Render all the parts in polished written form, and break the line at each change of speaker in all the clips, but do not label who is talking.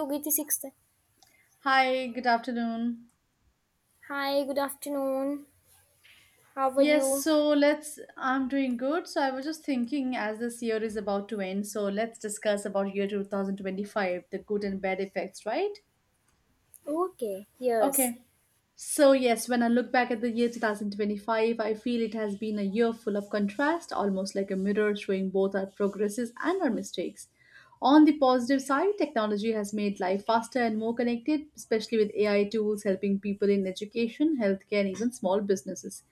Yogiti Sixth.
Hi, good afternoon.
Hi, good afternoon. How are
Yes,
you?
so let's. I'm doing good. So I was just thinking, as this year is about to end, so let's discuss about year 2025, the good and bad effects, right?
Okay, yes.
Okay. So, yes, when I look back at the year 2025, I feel it has been a year full of contrast, almost like a mirror showing both our progresses and our mistakes. On the positive side, technology has made life faster and more connected, especially with AI tools helping people in education, healthcare, and even small businesses.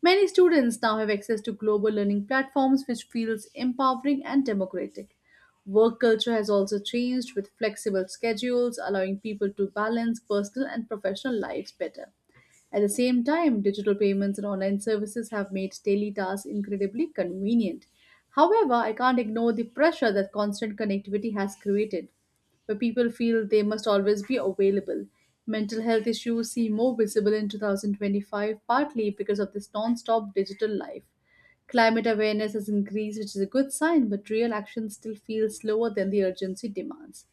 Many students now have access to global learning platforms, which feels empowering and democratic. Work culture has also changed with flexible schedules, allowing people to balance personal and professional lives better. At the same time, digital payments and online services have made daily tasks incredibly convenient. However, I can't ignore the pressure that constant connectivity has created, where people feel they must always be available. Mental health issues seem more visible in 2025, partly because of this non stop digital life. Climate awareness has increased, which is a good sign, but real action still feels slower than the urgency demands.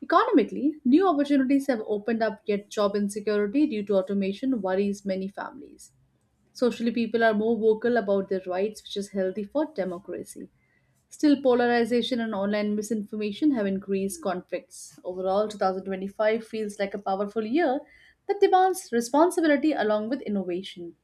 Economically, new opportunities have opened up, yet job insecurity due to automation worries many families. Socially, people are more vocal about their rights, which is healthy for democracy. Still, polarization and online misinformation have increased conflicts. Overall, 2025 feels like a powerful year that demands responsibility along with innovation.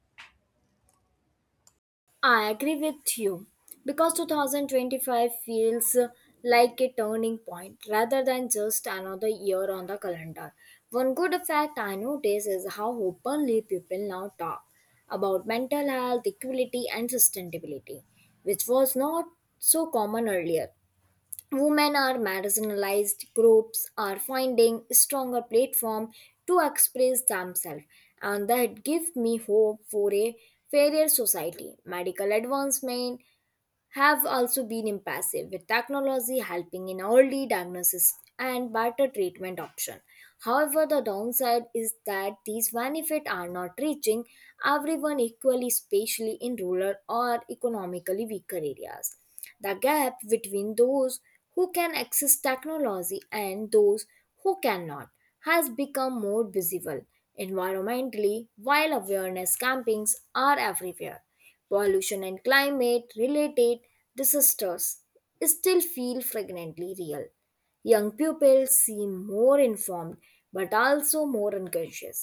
I agree with you because 2025 feels like a turning point rather than just another year on the calendar. One good fact I notice is how openly people now talk about mental health, equality, and sustainability, which was not so common earlier. Women are marginalized groups are finding stronger platform to express themselves, and that gives me hope for a fairer society. Medical advancement have also been impressive, with technology helping in early diagnosis and better treatment option. However, the downside is that these benefits are not reaching everyone equally, especially in rural or economically weaker areas. The gap between those who can access technology and those who cannot has become more visible. Environmentally, while awareness campaigns are everywhere, pollution and climate related disasters still feel fragrantly real. Young people seem more informed but also more unconscious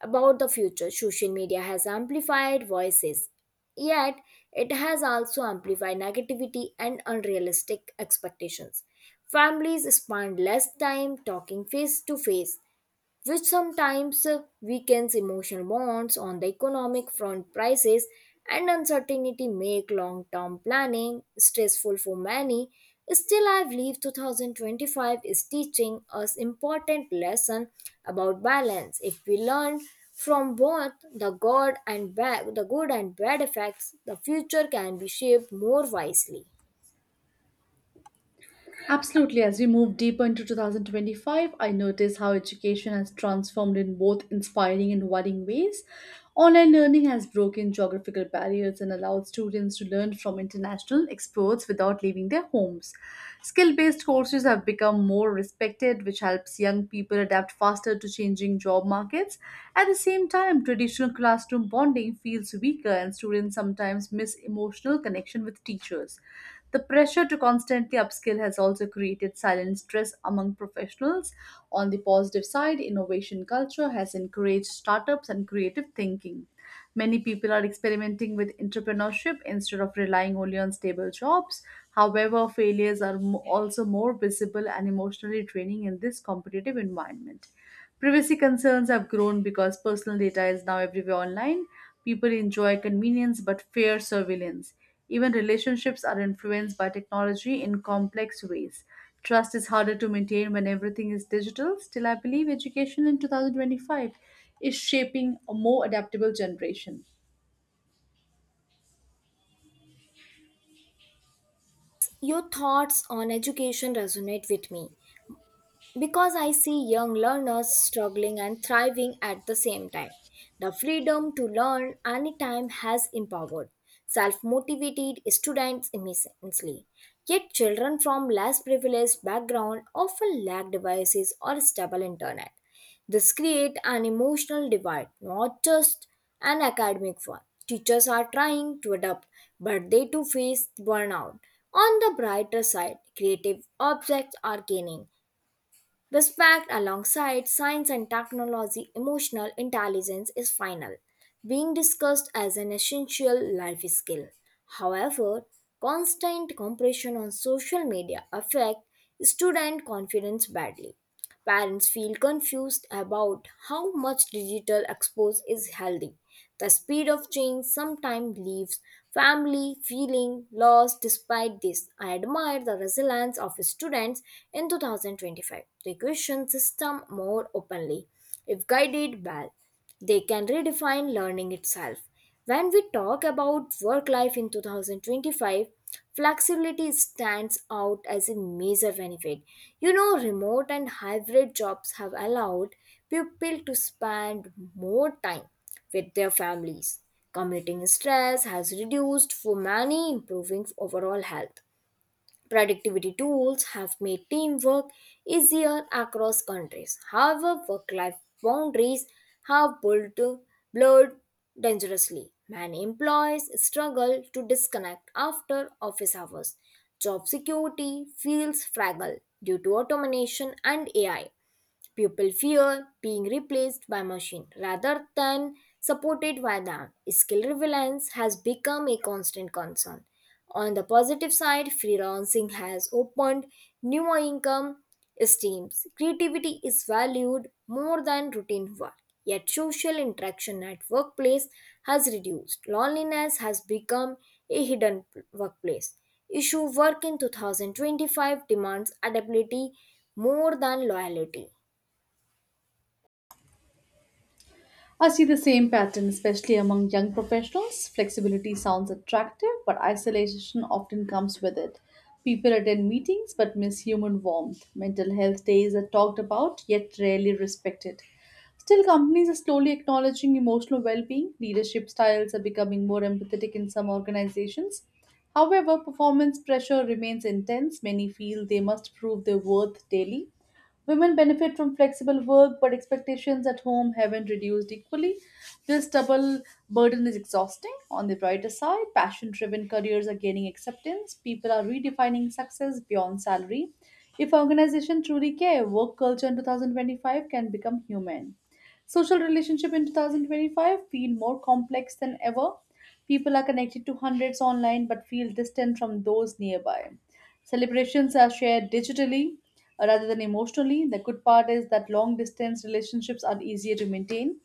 about the future. Social media has amplified voices, yet it has also amplified negativity and unrealistic expectations. Families spend less time talking face to face, which sometimes weakens emotional bonds. On the economic front, prices and uncertainty make long-term planning stressful for many. Still, I believe 2025 is teaching us important lesson about balance. If we learn from both the good and bad, the good and bad effects, the future can be shaped more wisely.
Absolutely. As we move deeper into 2025, I notice how education has transformed in both inspiring and worrying ways. Online learning has broken geographical barriers and allowed students to learn from international experts without leaving their homes. Skill based courses have become more respected, which helps young people adapt faster to changing job markets. At the same time, traditional classroom bonding feels weaker, and students sometimes miss emotional connection with teachers. The pressure to constantly upskill has also created silent stress among professionals. On the positive side, innovation culture has encouraged startups and creative thinking. Many people are experimenting with entrepreneurship instead of relying only on stable jobs. However, failures are also more visible and emotionally draining in this competitive environment. Privacy concerns have grown because personal data is now everywhere online. People enjoy convenience but fear surveillance. Even relationships are influenced by technology in complex ways. Trust is harder to maintain when everything is digital. Still, I believe education in 2025 is shaping a more adaptable generation.
Your thoughts on education resonate with me because I see young learners struggling and thriving at the same time. The freedom to learn anytime has empowered self motivated students immensely. Yet, children from less privileged backgrounds often lack devices or stable internet. This creates an emotional divide, not just an academic one. Teachers are trying to adapt, but they too face burnout. On the brighter side, creative objects are gaining this fact. Alongside science and technology, emotional intelligence is final, being discussed as an essential life skill. However, constant compression on social media affect student confidence badly. Parents feel confused about how much digital expose is healthy. The speed of change sometimes leaves family feeling lost. Despite this, I admire the resilience of students in 2025. They question system more openly. If guided well, they can redefine learning itself. When we talk about work life in 2025, flexibility stands out as a major benefit. You know, remote and hybrid jobs have allowed people to spend more time with their families. Commuting stress has reduced for many, improving overall health. Productivity tools have made teamwork easier across countries. However, work life boundaries have blurred dangerously. Many employees struggle to disconnect after office hours. Job security feels fragile due to automation and AI. People fear being replaced by machine rather than supported by them. Skill relevance has become a constant concern. On the positive side, freelancing has opened new income streams. Creativity is valued more than routine work. Yet social interaction at workplace has reduced. Loneliness has become a hidden workplace. Issue work in 2025 demands adaptability more than loyalty.
I see the same pattern, especially among young professionals. Flexibility sounds attractive, but isolation often comes with it. People attend meetings but miss human warmth. Mental health days are talked about yet rarely respected. Still, companies are slowly acknowledging emotional well being. Leadership styles are becoming more empathetic in some organizations. However, performance pressure remains intense. Many feel they must prove their worth daily. Women benefit from flexible work, but expectations at home haven't reduced equally. This double burden is exhausting. On the brighter side, passion driven careers are gaining acceptance. People are redefining success beyond salary. If organizations truly care, work culture in 2025 can become human. Social relationship in 2025 feel more complex than ever. People are connected to hundreds online but feel distant from those nearby. Celebrations are shared digitally rather than emotionally. The good part is that long distance relationships are easier to maintain.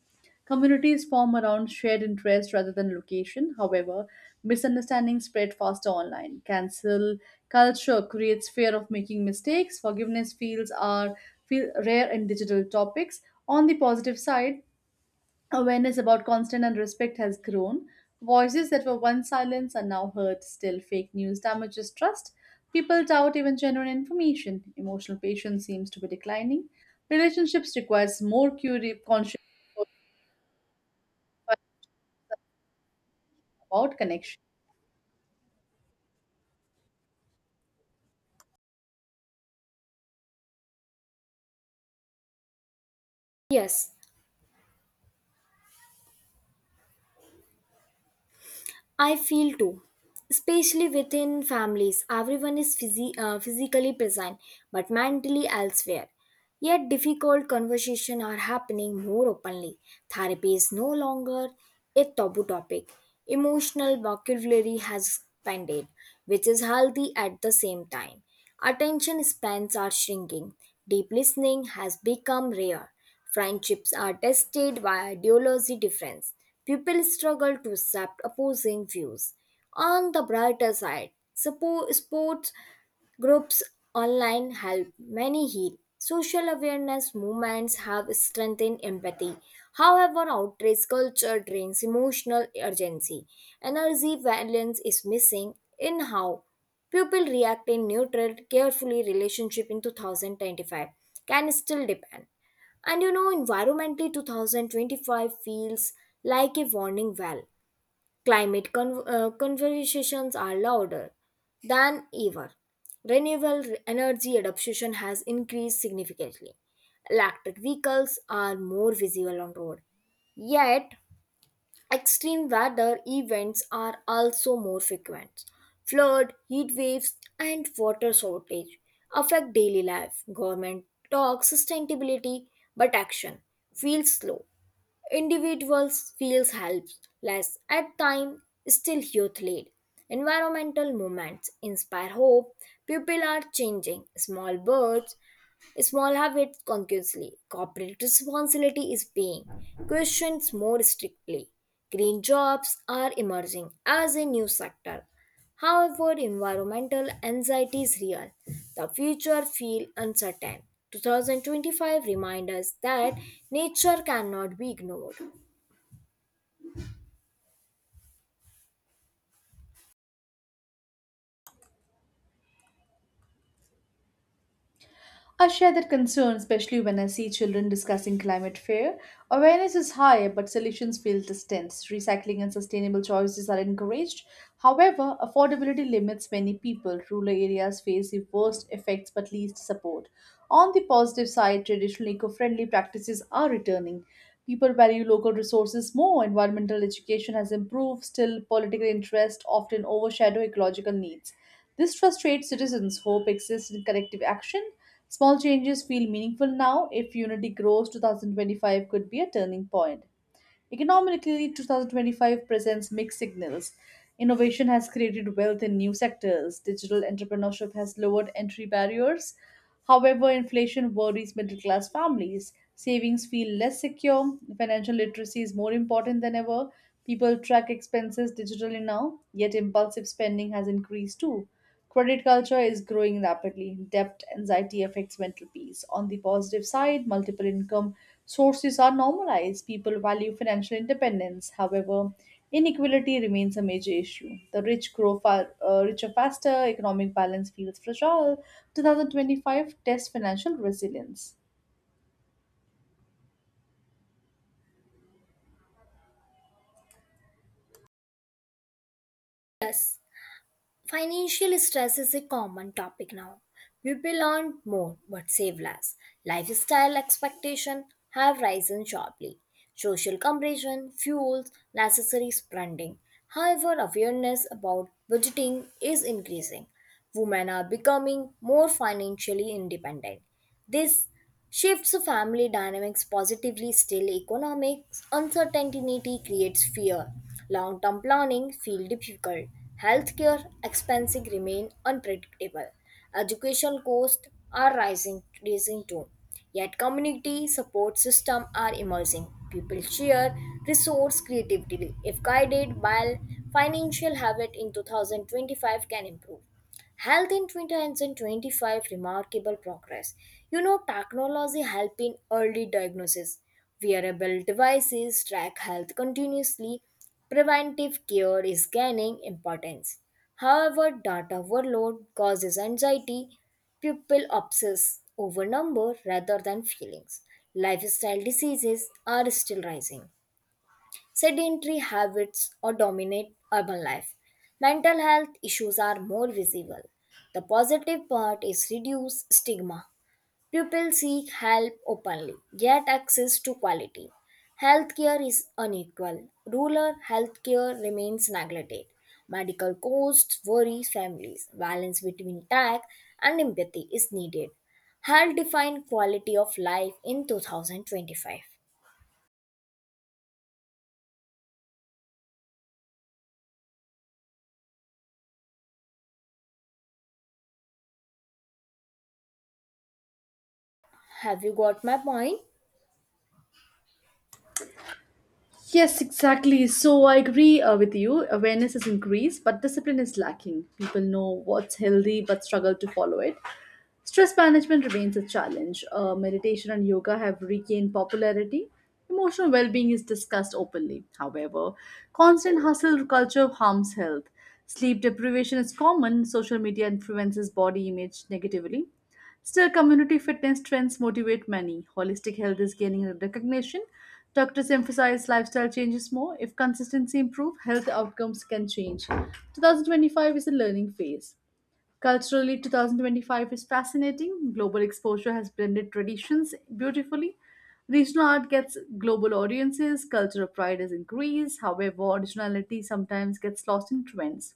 Communities form around shared interest rather than location. However, misunderstandings spread faster online. Cancel culture creates fear of making mistakes. Forgiveness feel rare in digital topics. On the positive side, awareness about consent and respect has grown. Voices that were once silenced are now heard. Still, fake news damages trust. People doubt even genuine information. Emotional patience seems to be declining. Relationships requires more conscious about connection.
Yes, I feel too. Especially within families, everyone is physically present but mentally elsewhere. Yet, difficult conversations are happening more openly. Therapy is no longer a taboo topic. Emotional vocabulary has expanded, which is healthy. At the same time, attention spans are shrinking. Deep listening has become rare. Friendships are tested by ideology difference. People struggle to accept opposing views. On the brighter side, sports groups online help many heal. Social awareness movements have strengthened empathy. However, outrage culture drains emotional urgency. Energy balance is missing in how people react. In neutral, carefully relationship in 2025 can still depend. And you know, environmentally 2025 feels like a warning well. Conversations are louder than ever. Renewable energy adoption has increased significantly. Electric vehicles are more visible on road. Yet, extreme weather events are also more frequent. Flood, heat waves, and water shortage affect daily life. Government talks sustainability, but action feels slow. Individuals feels helpless at time. Still, youth lead. Environmental movements inspire hope. People are changing. Small birds small habits consciously. Corporate responsibility is being questioned more strictly. Green jobs are emerging as a new sector. However, environmental anxiety is real. The future feels uncertain. 2025 reminds us that nature cannot be ignored.
I share that concern, especially when I see children discussing climate fear. Awareness is high, but solutions feel distant. Recycling and sustainable choices are encouraged. However, affordability limits many people. Rural areas face the worst effects but least support. On the positive side, traditional eco friendly practices are returning. People value local resources more. Environmental education has improved. Still, political interest often overshadow ecological needs. This frustrates citizens. Hope exists in collective action. Small changes feel meaningful now. If unity grows, 2025 could be a turning point. Economically, 2025 presents mixed signals. Innovation has created wealth in new sectors. Digital entrepreneurship has lowered entry barriers. However, inflation worries middle class families. Savings feel less secure. Financial literacy is more important than ever. People track expenses digitally now, yet impulsive spending has increased too. Credit culture is growing rapidly. Debt anxiety affects mental peace. On the positive side, multiple income sources are normalized. People value financial independence. However, inequality remains a major issue. The rich grow far, richer faster, economic balance feels fragile. 2025 tests financial resilience.
Yes. Financial stress is a common topic now. People earn more but save less. Lifestyle expectations have risen sharply. Social comparison fuels necessary spending. However, awareness about budgeting is increasing. Women are becoming more financially independent. This shifts family dynamics positively. Still, economic uncertainty creates fear. Long term planning feels difficult. Healthcare expenses remain unpredictable. Education costs are rising too. Yet community support systems are emerging. People share resource creatively. If guided while, financial habit in 2025 can improve. Health in 2025 remarkable progress. You know, technology help in early diagnosis. Wearable devices track health continuously. Preventive care is gaining importance. However, data overload causes anxiety. People obsess over number rather than feelings. Lifestyle diseases are still rising. Sedentary habits or dominate urban life. Mental health issues are more visible. The positive part is reduced stigma. People seek help openly, get access to quality. Healthcare is unequal. Rural healthcare remains neglected. Medical costs worry families. Balance between tech and empathy is needed. Health defined quality of life in 2025. Have you got my point?
Yes, exactly. So I agree with you. Awareness is increased, but discipline is lacking. People know what's healthy but struggle to follow it. Stress management remains a challenge. Meditation and yoga have regained popularity. Emotional well being is discussed openly. However, constant hustle culture harms health. Sleep deprivation is common. Social media influences body image negatively. Still, community fitness trends motivate many. Holistic health is gaining recognition. Doctors emphasize lifestyle changes more. If consistency improves, health outcomes can change. 2025 is a learning phase. Culturally, 2025 is fascinating. Global exposure has blended traditions beautifully. Regional art gets global audiences, cultural pride has increased, however, originality sometimes gets lost in trends.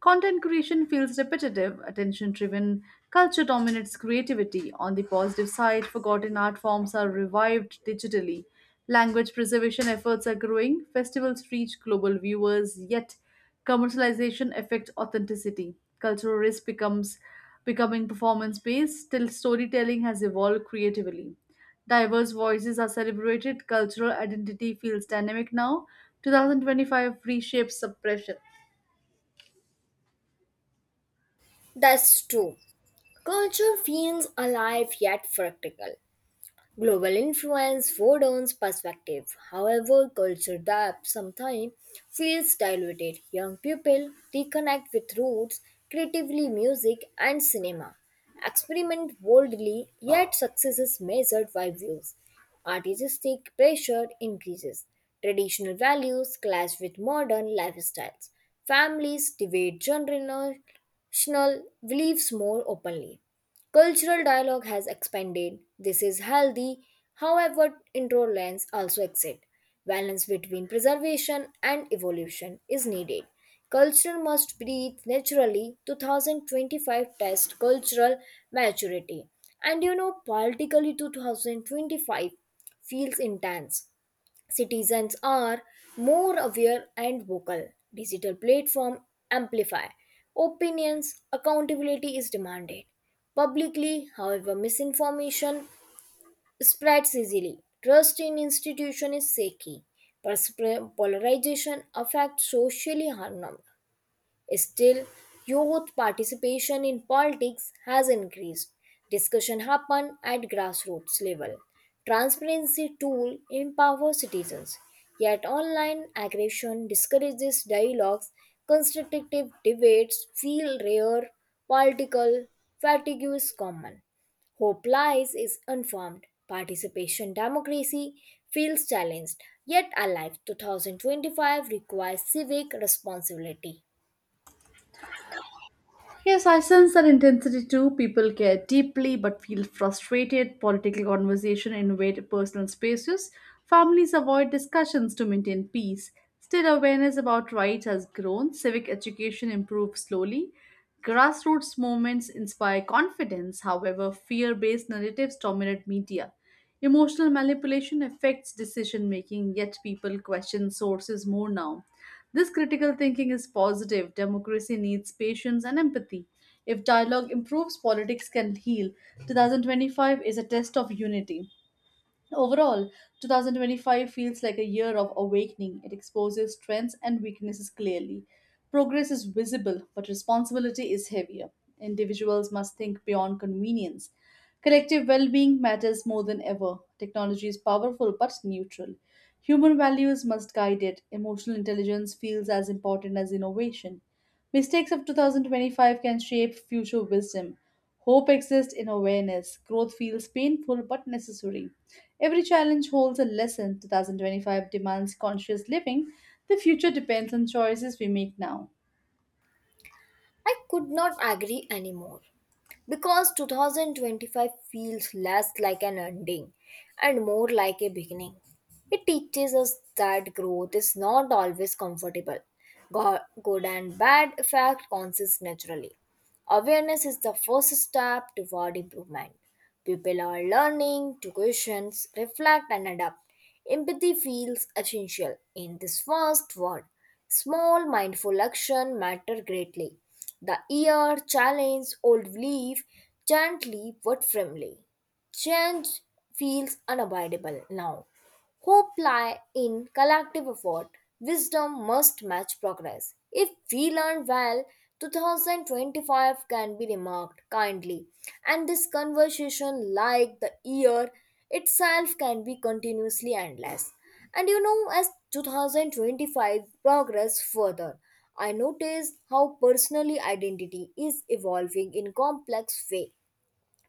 Content creation feels repetitive, attention driven, culture dominates creativity. On the positive side, forgotten art forms are revived digitally. Language preservation efforts are growing, festivals reach global viewers, yet commercialization affects authenticity. Cultural risk becomes becoming performance based till storytelling has evolved creatively. Diverse voices are celebrated, cultural identity feels dynamic now. 2025 reshapes suppression.
That's true. Culture feels alive yet fractal. Global influence broadens perspective. However, culture that sometimes feels diluted. Young people reconnect with roots, creatively music and cinema. Experiment boldly, yet success is measured by views. Artistic pressure increases. Traditional values clash with modern lifestyles. Families debate generational beliefs more openly. Cultural dialogue has expanded. This is healthy. However, intolerance also exists. Balance between preservation and evolution is needed. Culture must breathe naturally. 2025 test cultural maturity. And you know, politically 2025 feels intense. Citizens are more aware and vocal. Digital platform amplify opinions. Accountability is demanded publicly. However, misinformation spreads easily. Trust in institution is shaky. Pers- Polarization affects socially harm. Still, youth participation in politics has increased. Discussion happen at grassroots level. Transparency tool empower citizens. Yet online aggression discourages dialogues. Constructive debates feel rare. Political fatigue is common. Hope lies is unformed. Participation democracy feels challenged. Yet alive, 2025 requires civic responsibility.
Yes, I sense that intensity too. People care deeply but feel frustrated. Political conversation invade personal spaces. Families avoid discussions to maintain peace. Still, awareness about rights has grown. Civic education improves slowly. Grassroots movements inspire confidence. However, fear based narratives dominate media. Emotional manipulation affects decision making, yet people question sources more now. This critical thinking is positive. Democracy needs patience and empathy. If dialogue improves, politics can heal. 2025 is a test of unity. Overall, 2025 feels like a year of awakening. It exposes strengths and weaknesses clearly. Progress is visible, but responsibility is heavier. Individuals must think beyond convenience. Collective well being matters more than ever. Technology is powerful but neutral. Human values must guide it. Emotional intelligence feels as important as innovation. Mistakes of 2025 can shape future wisdom. Hope exists in awareness. Growth feels painful but necessary. Every challenge holds a lesson. 2025 demands conscious living. The future depends on choices we make now.
I could not agree anymore because 2025 feels less like an ending and more like a beginning. It teaches us that growth is not always comfortable. Good and bad effect consists naturally. Awareness is the first step toward improvement. People are learning to question, reflect, and adapt. Empathy feels essential in this vast world. Small mindful action matter greatly. The ear challenge old belief gently but firmly. Change feels unavoidable now. Hope lie in collective effort. Wisdom must match progress. If we learn well, 2025 can be remarked kindly, and this conversation, like the year itself, can be continuously endless. And you know, as 2025 progress further, I noticed how personally identity is evolving in complex way.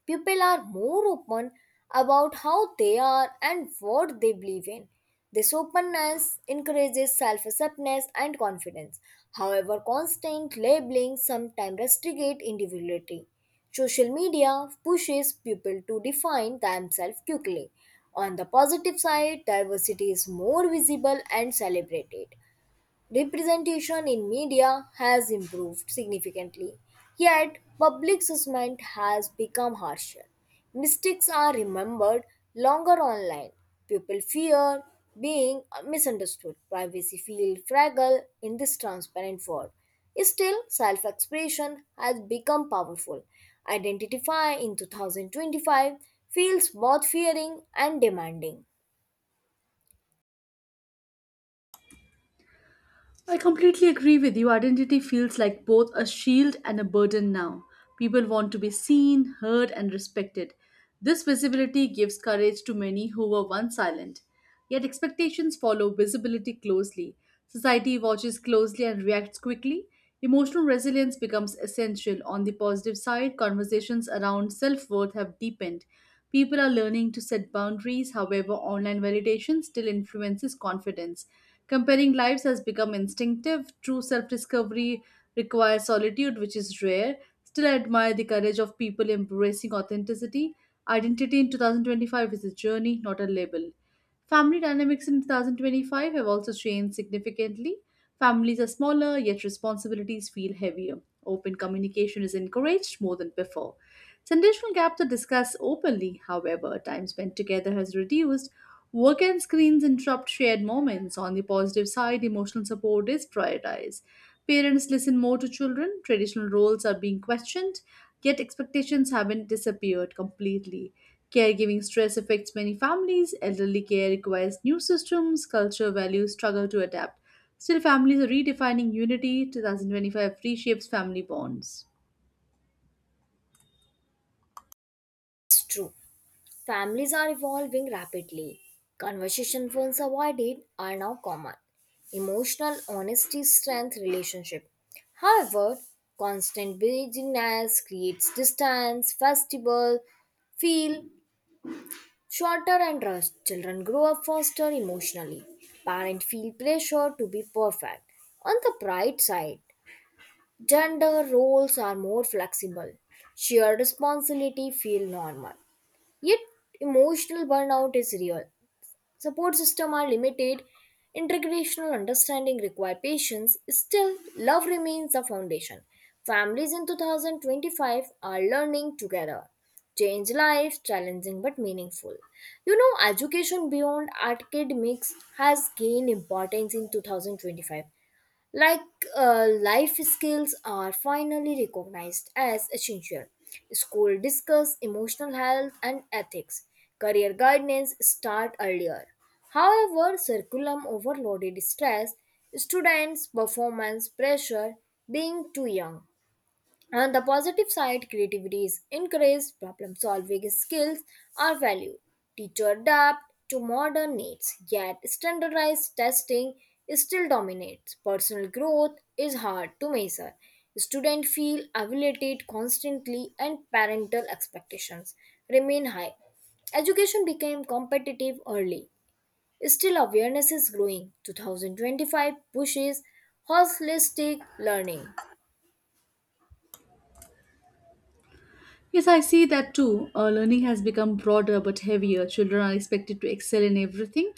People are more open about how they are and what they believe in. This openness encourages self acceptance and confidence. However, constant labeling sometimes restricts individuality. Social media pushes people to define themselves quickly. On the positive side, diversity is more visible and celebrated. Representation in media has improved significantly, yet public assessment has become harsher. Mistakes are remembered longer online. People fear being misunderstood. Privacy feels fragile in this transparent world. Still, self expression has become powerful. Identify in 2025 feels both fearing and demanding.
I completely agree with you. Identity feels like both a shield and a burden now. People want to be seen, heard, and respected. This visibility gives courage to many who were once silent. Yet expectations follow visibility closely. Society watches closely and reacts quickly. Emotional resilience becomes essential. On the positive side, conversations around self worth have deepened. People are learning to set boundaries, however, online validation still influences confidence. Comparing lives has become instinctive. True self discovery requires solitude, which is rare. Still, I admire the courage of people embracing authenticity. Identity in 2025 is a journey, not a label. Family dynamics in 2025 have also changed significantly. Families are smaller, yet responsibilities feel heavier. Open communication is encouraged more than before. Generational gaps are discussed openly, however, time spent together has reduced. Work and screens interrupt shared moments. On the positive side, emotional support is prioritized. Parents listen more to children, traditional roles are being questioned, yet expectations haven't disappeared completely. Caregiving stress affects many families. Elderly care requires new systems. Culture values struggle to adapt. Still, families are redefining unity. 2025 reshapes family bonds.
It's true. Families are evolving rapidly. Conversation phones avoided are now common. Emotional honesty strengthens relationship. However, constant busyness creates distance. Festival, feel shorter and rushed. Children grow up faster emotionally. Parents feel pressure to be perfect. On the bright side, gender roles are more flexible. Shared responsibility feel normal. Yet, emotional burnout is real. Support systems are limited, intergenerational understanding require patience. Still, love remains the foundation. Families in 2025 are learning together. Change lives, challenging but meaningful. You know, education beyond academics has gained importance in 2025, like life skills are finally recognized as essential. School discuss emotional health and ethics. Career guidance start earlier. However, curriculum overloaded stress, students' performance pressure, being too young. On the positive side, creativity is encouraged, problem solving skills are valued, teacher adapt to modern needs, yet standardized testing still dominates. Personal growth is hard to measure. Students feel evaluated constantly, and parental expectations remain high. Education became competitive early. Still, awareness is growing. 2025 pushes holistic learning.
Yes, I see that too. Learning has become broader but heavier. Children are expected to excel in everything.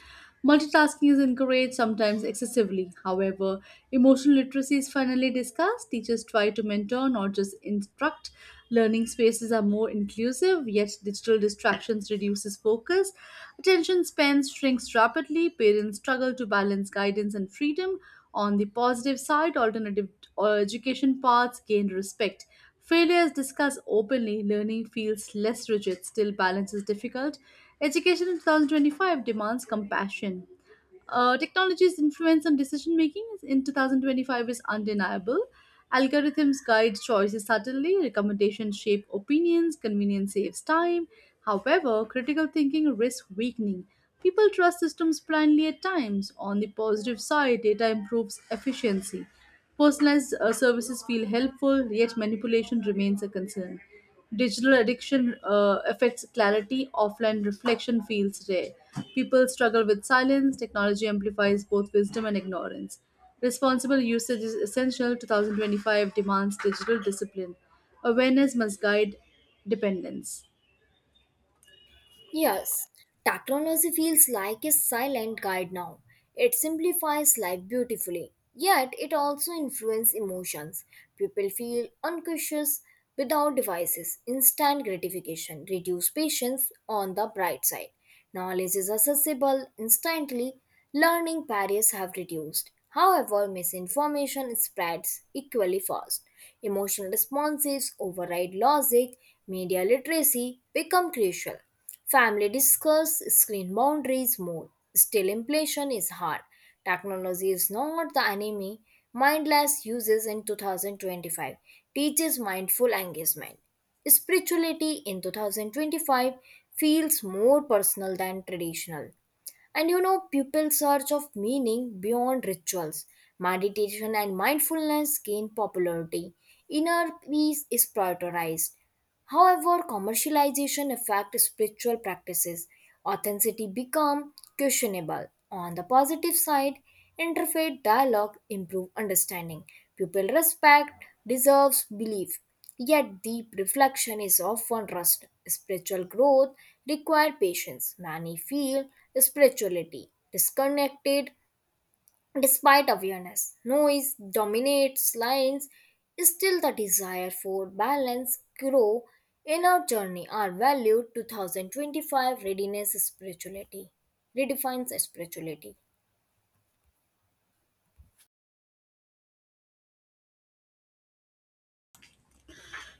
Multitasking is encouraged, sometimes excessively. However, emotional literacy is finally discussed. Teachers try to mentor, not just instruct. Learning spaces are more inclusive, yet digital distractions reduces focus. Attention spans shrinks rapidly. Parents struggle to balance guidance and freedom. On the positive side, alternative education paths gain respect. Failure is discussed openly, learning feels less rigid, still balance is difficult. Education in 2025 demands compassion. Technology's influence on decision making in 2025 is undeniable. Algorithms guide choices subtly, recommendations shape opinions, convenience saves time. However, critical thinking risks weakening. People trust systems blindly at times. On the positive side, data improves efficiency. Personalized services feel helpful, yet manipulation remains a concern. Digital addiction affects clarity, offline reflection feels rare. People struggle with silence, technology amplifies both wisdom and ignorance. Responsible usage is essential. 2025 demands digital discipline. Awareness must guide dependence.
Yes, technology feels like a silent guide now. It simplifies life beautifully, yet it also influences emotions. People feel unconscious without devices. Instant gratification, reduce patience. On the bright side, knowledge is accessible instantly, learning barriers have reduced. However, misinformation spreads equally fast. Emotional responses override logic. Media literacy become crucial. Family discuss screen boundaries more. Still, inflation is hard. Technology is not the enemy. Mindless uses in 2025 teaches mindful engagement. Spirituality in 2025 feels more personal than traditional. And you know, people's search of meaning beyond rituals, meditation, and mindfulness gain popularity. Inner peace is prioritized. However, commercialization affects spiritual practices. Authenticity become questionable. On the positive side, interfaith dialogue improve understanding. People respect deserves belief. Yet, deep reflection is often rushed. Spiritual growth requires patience. Many feel spirituality disconnected despite awareness. Noise dominates lines. Still, the desire for balance grow in our journey are valued. 2025 readiness spirituality redefines spirituality.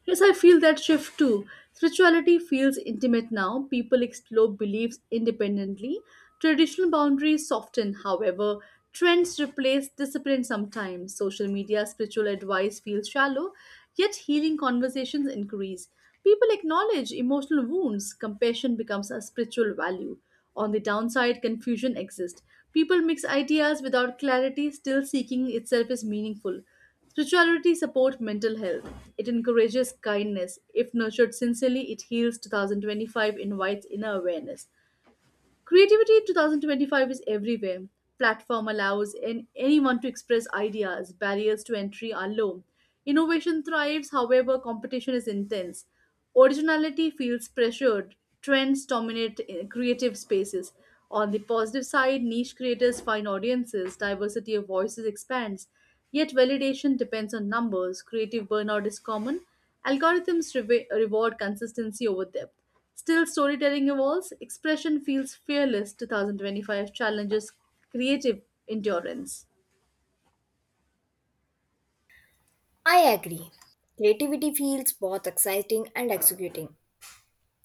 Yes, I feel that shift too. Spirituality feels intimate now. People explore beliefs independently. Traditional boundaries soften, however. Trends replace discipline sometimes. Social media spiritual advice feels shallow, yet healing conversations increase. People acknowledge emotional wounds. Compassion becomes a spiritual value. On the downside, confusion exists. People mix ideas without clarity, still seeking itself is meaningful. Spirituality supports mental health. It encourages kindness. If nurtured sincerely, it heals. 2025 invites inner awareness. Creativity in 2025 is everywhere. Platform allows anyone to express ideas. Barriers to entry are low. Innovation thrives, however, competition is intense. Originality feels pressured. Trends dominate creative spaces. On the positive side, niche creators find audiences, diversity of voices expands. Yet validation depends on numbers. Creative burnout is common. Algorithms reward consistency over depth. Still, storytelling evolves. Expression feels fearless. 2025 challenges creative endurance.
I agree. Creativity feels both exciting and executing.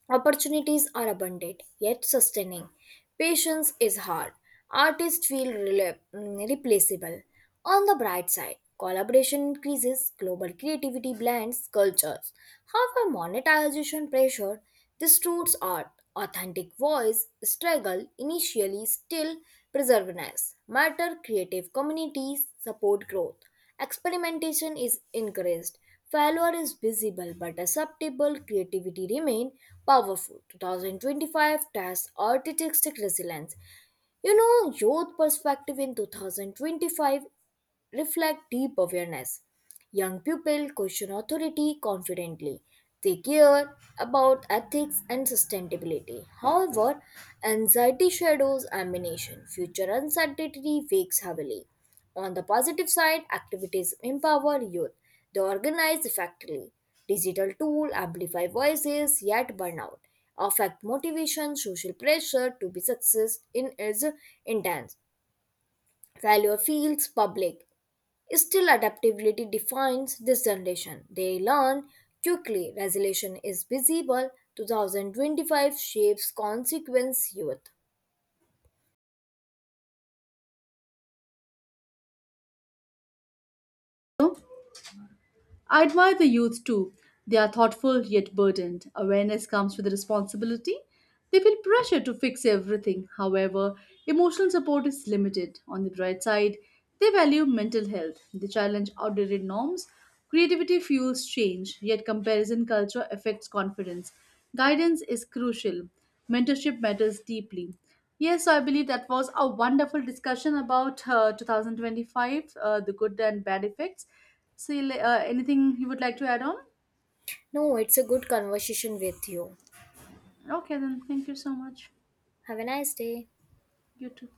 Opportunities are abundant, yet sustaining. Patience is hard. Artists feel replaceable. On the bright side, collaboration increases, global creativity blends cultures. However, monetization pressure distorts art. Authentic voice struggle initially. Still, preserves matter. Creative communities support growth. Experimentation is encouraged. Failure is visible but acceptable. Creativity remain powerful. 2025 tests artistic resilience. You know, youth perspective in 2025 reflect deep awareness. Young people question authority confidently. They care about ethics and sustainability. However, anxiety shadows ambition. Future uncertainty wakes heavily. On the positive side, activities empower youth. They organize effectively. Digital tools amplify voices, yet burnout affect motivation. Social pressure to be success in is intense. Failure feels public. Still, adaptability defines this generation. They learn quickly. Resolution is visible. 2025 shapes consequence youth.
I admire the youth too. They are thoughtful yet burdened. Awareness comes with responsibility. They feel pressure to fix everything. However, emotional support is limited. On the bright side, they value mental health. They challenge outdated norms. Creativity fuels change, yet comparison culture affects confidence. Guidance is crucial. Mentorship matters deeply. Yes, so I believe that was a wonderful discussion about 2025, the good and bad effects. See, anything you would like to add on?
No, it's a good conversation with you.
Okay, then thank you so much.
Have a nice day.
You too.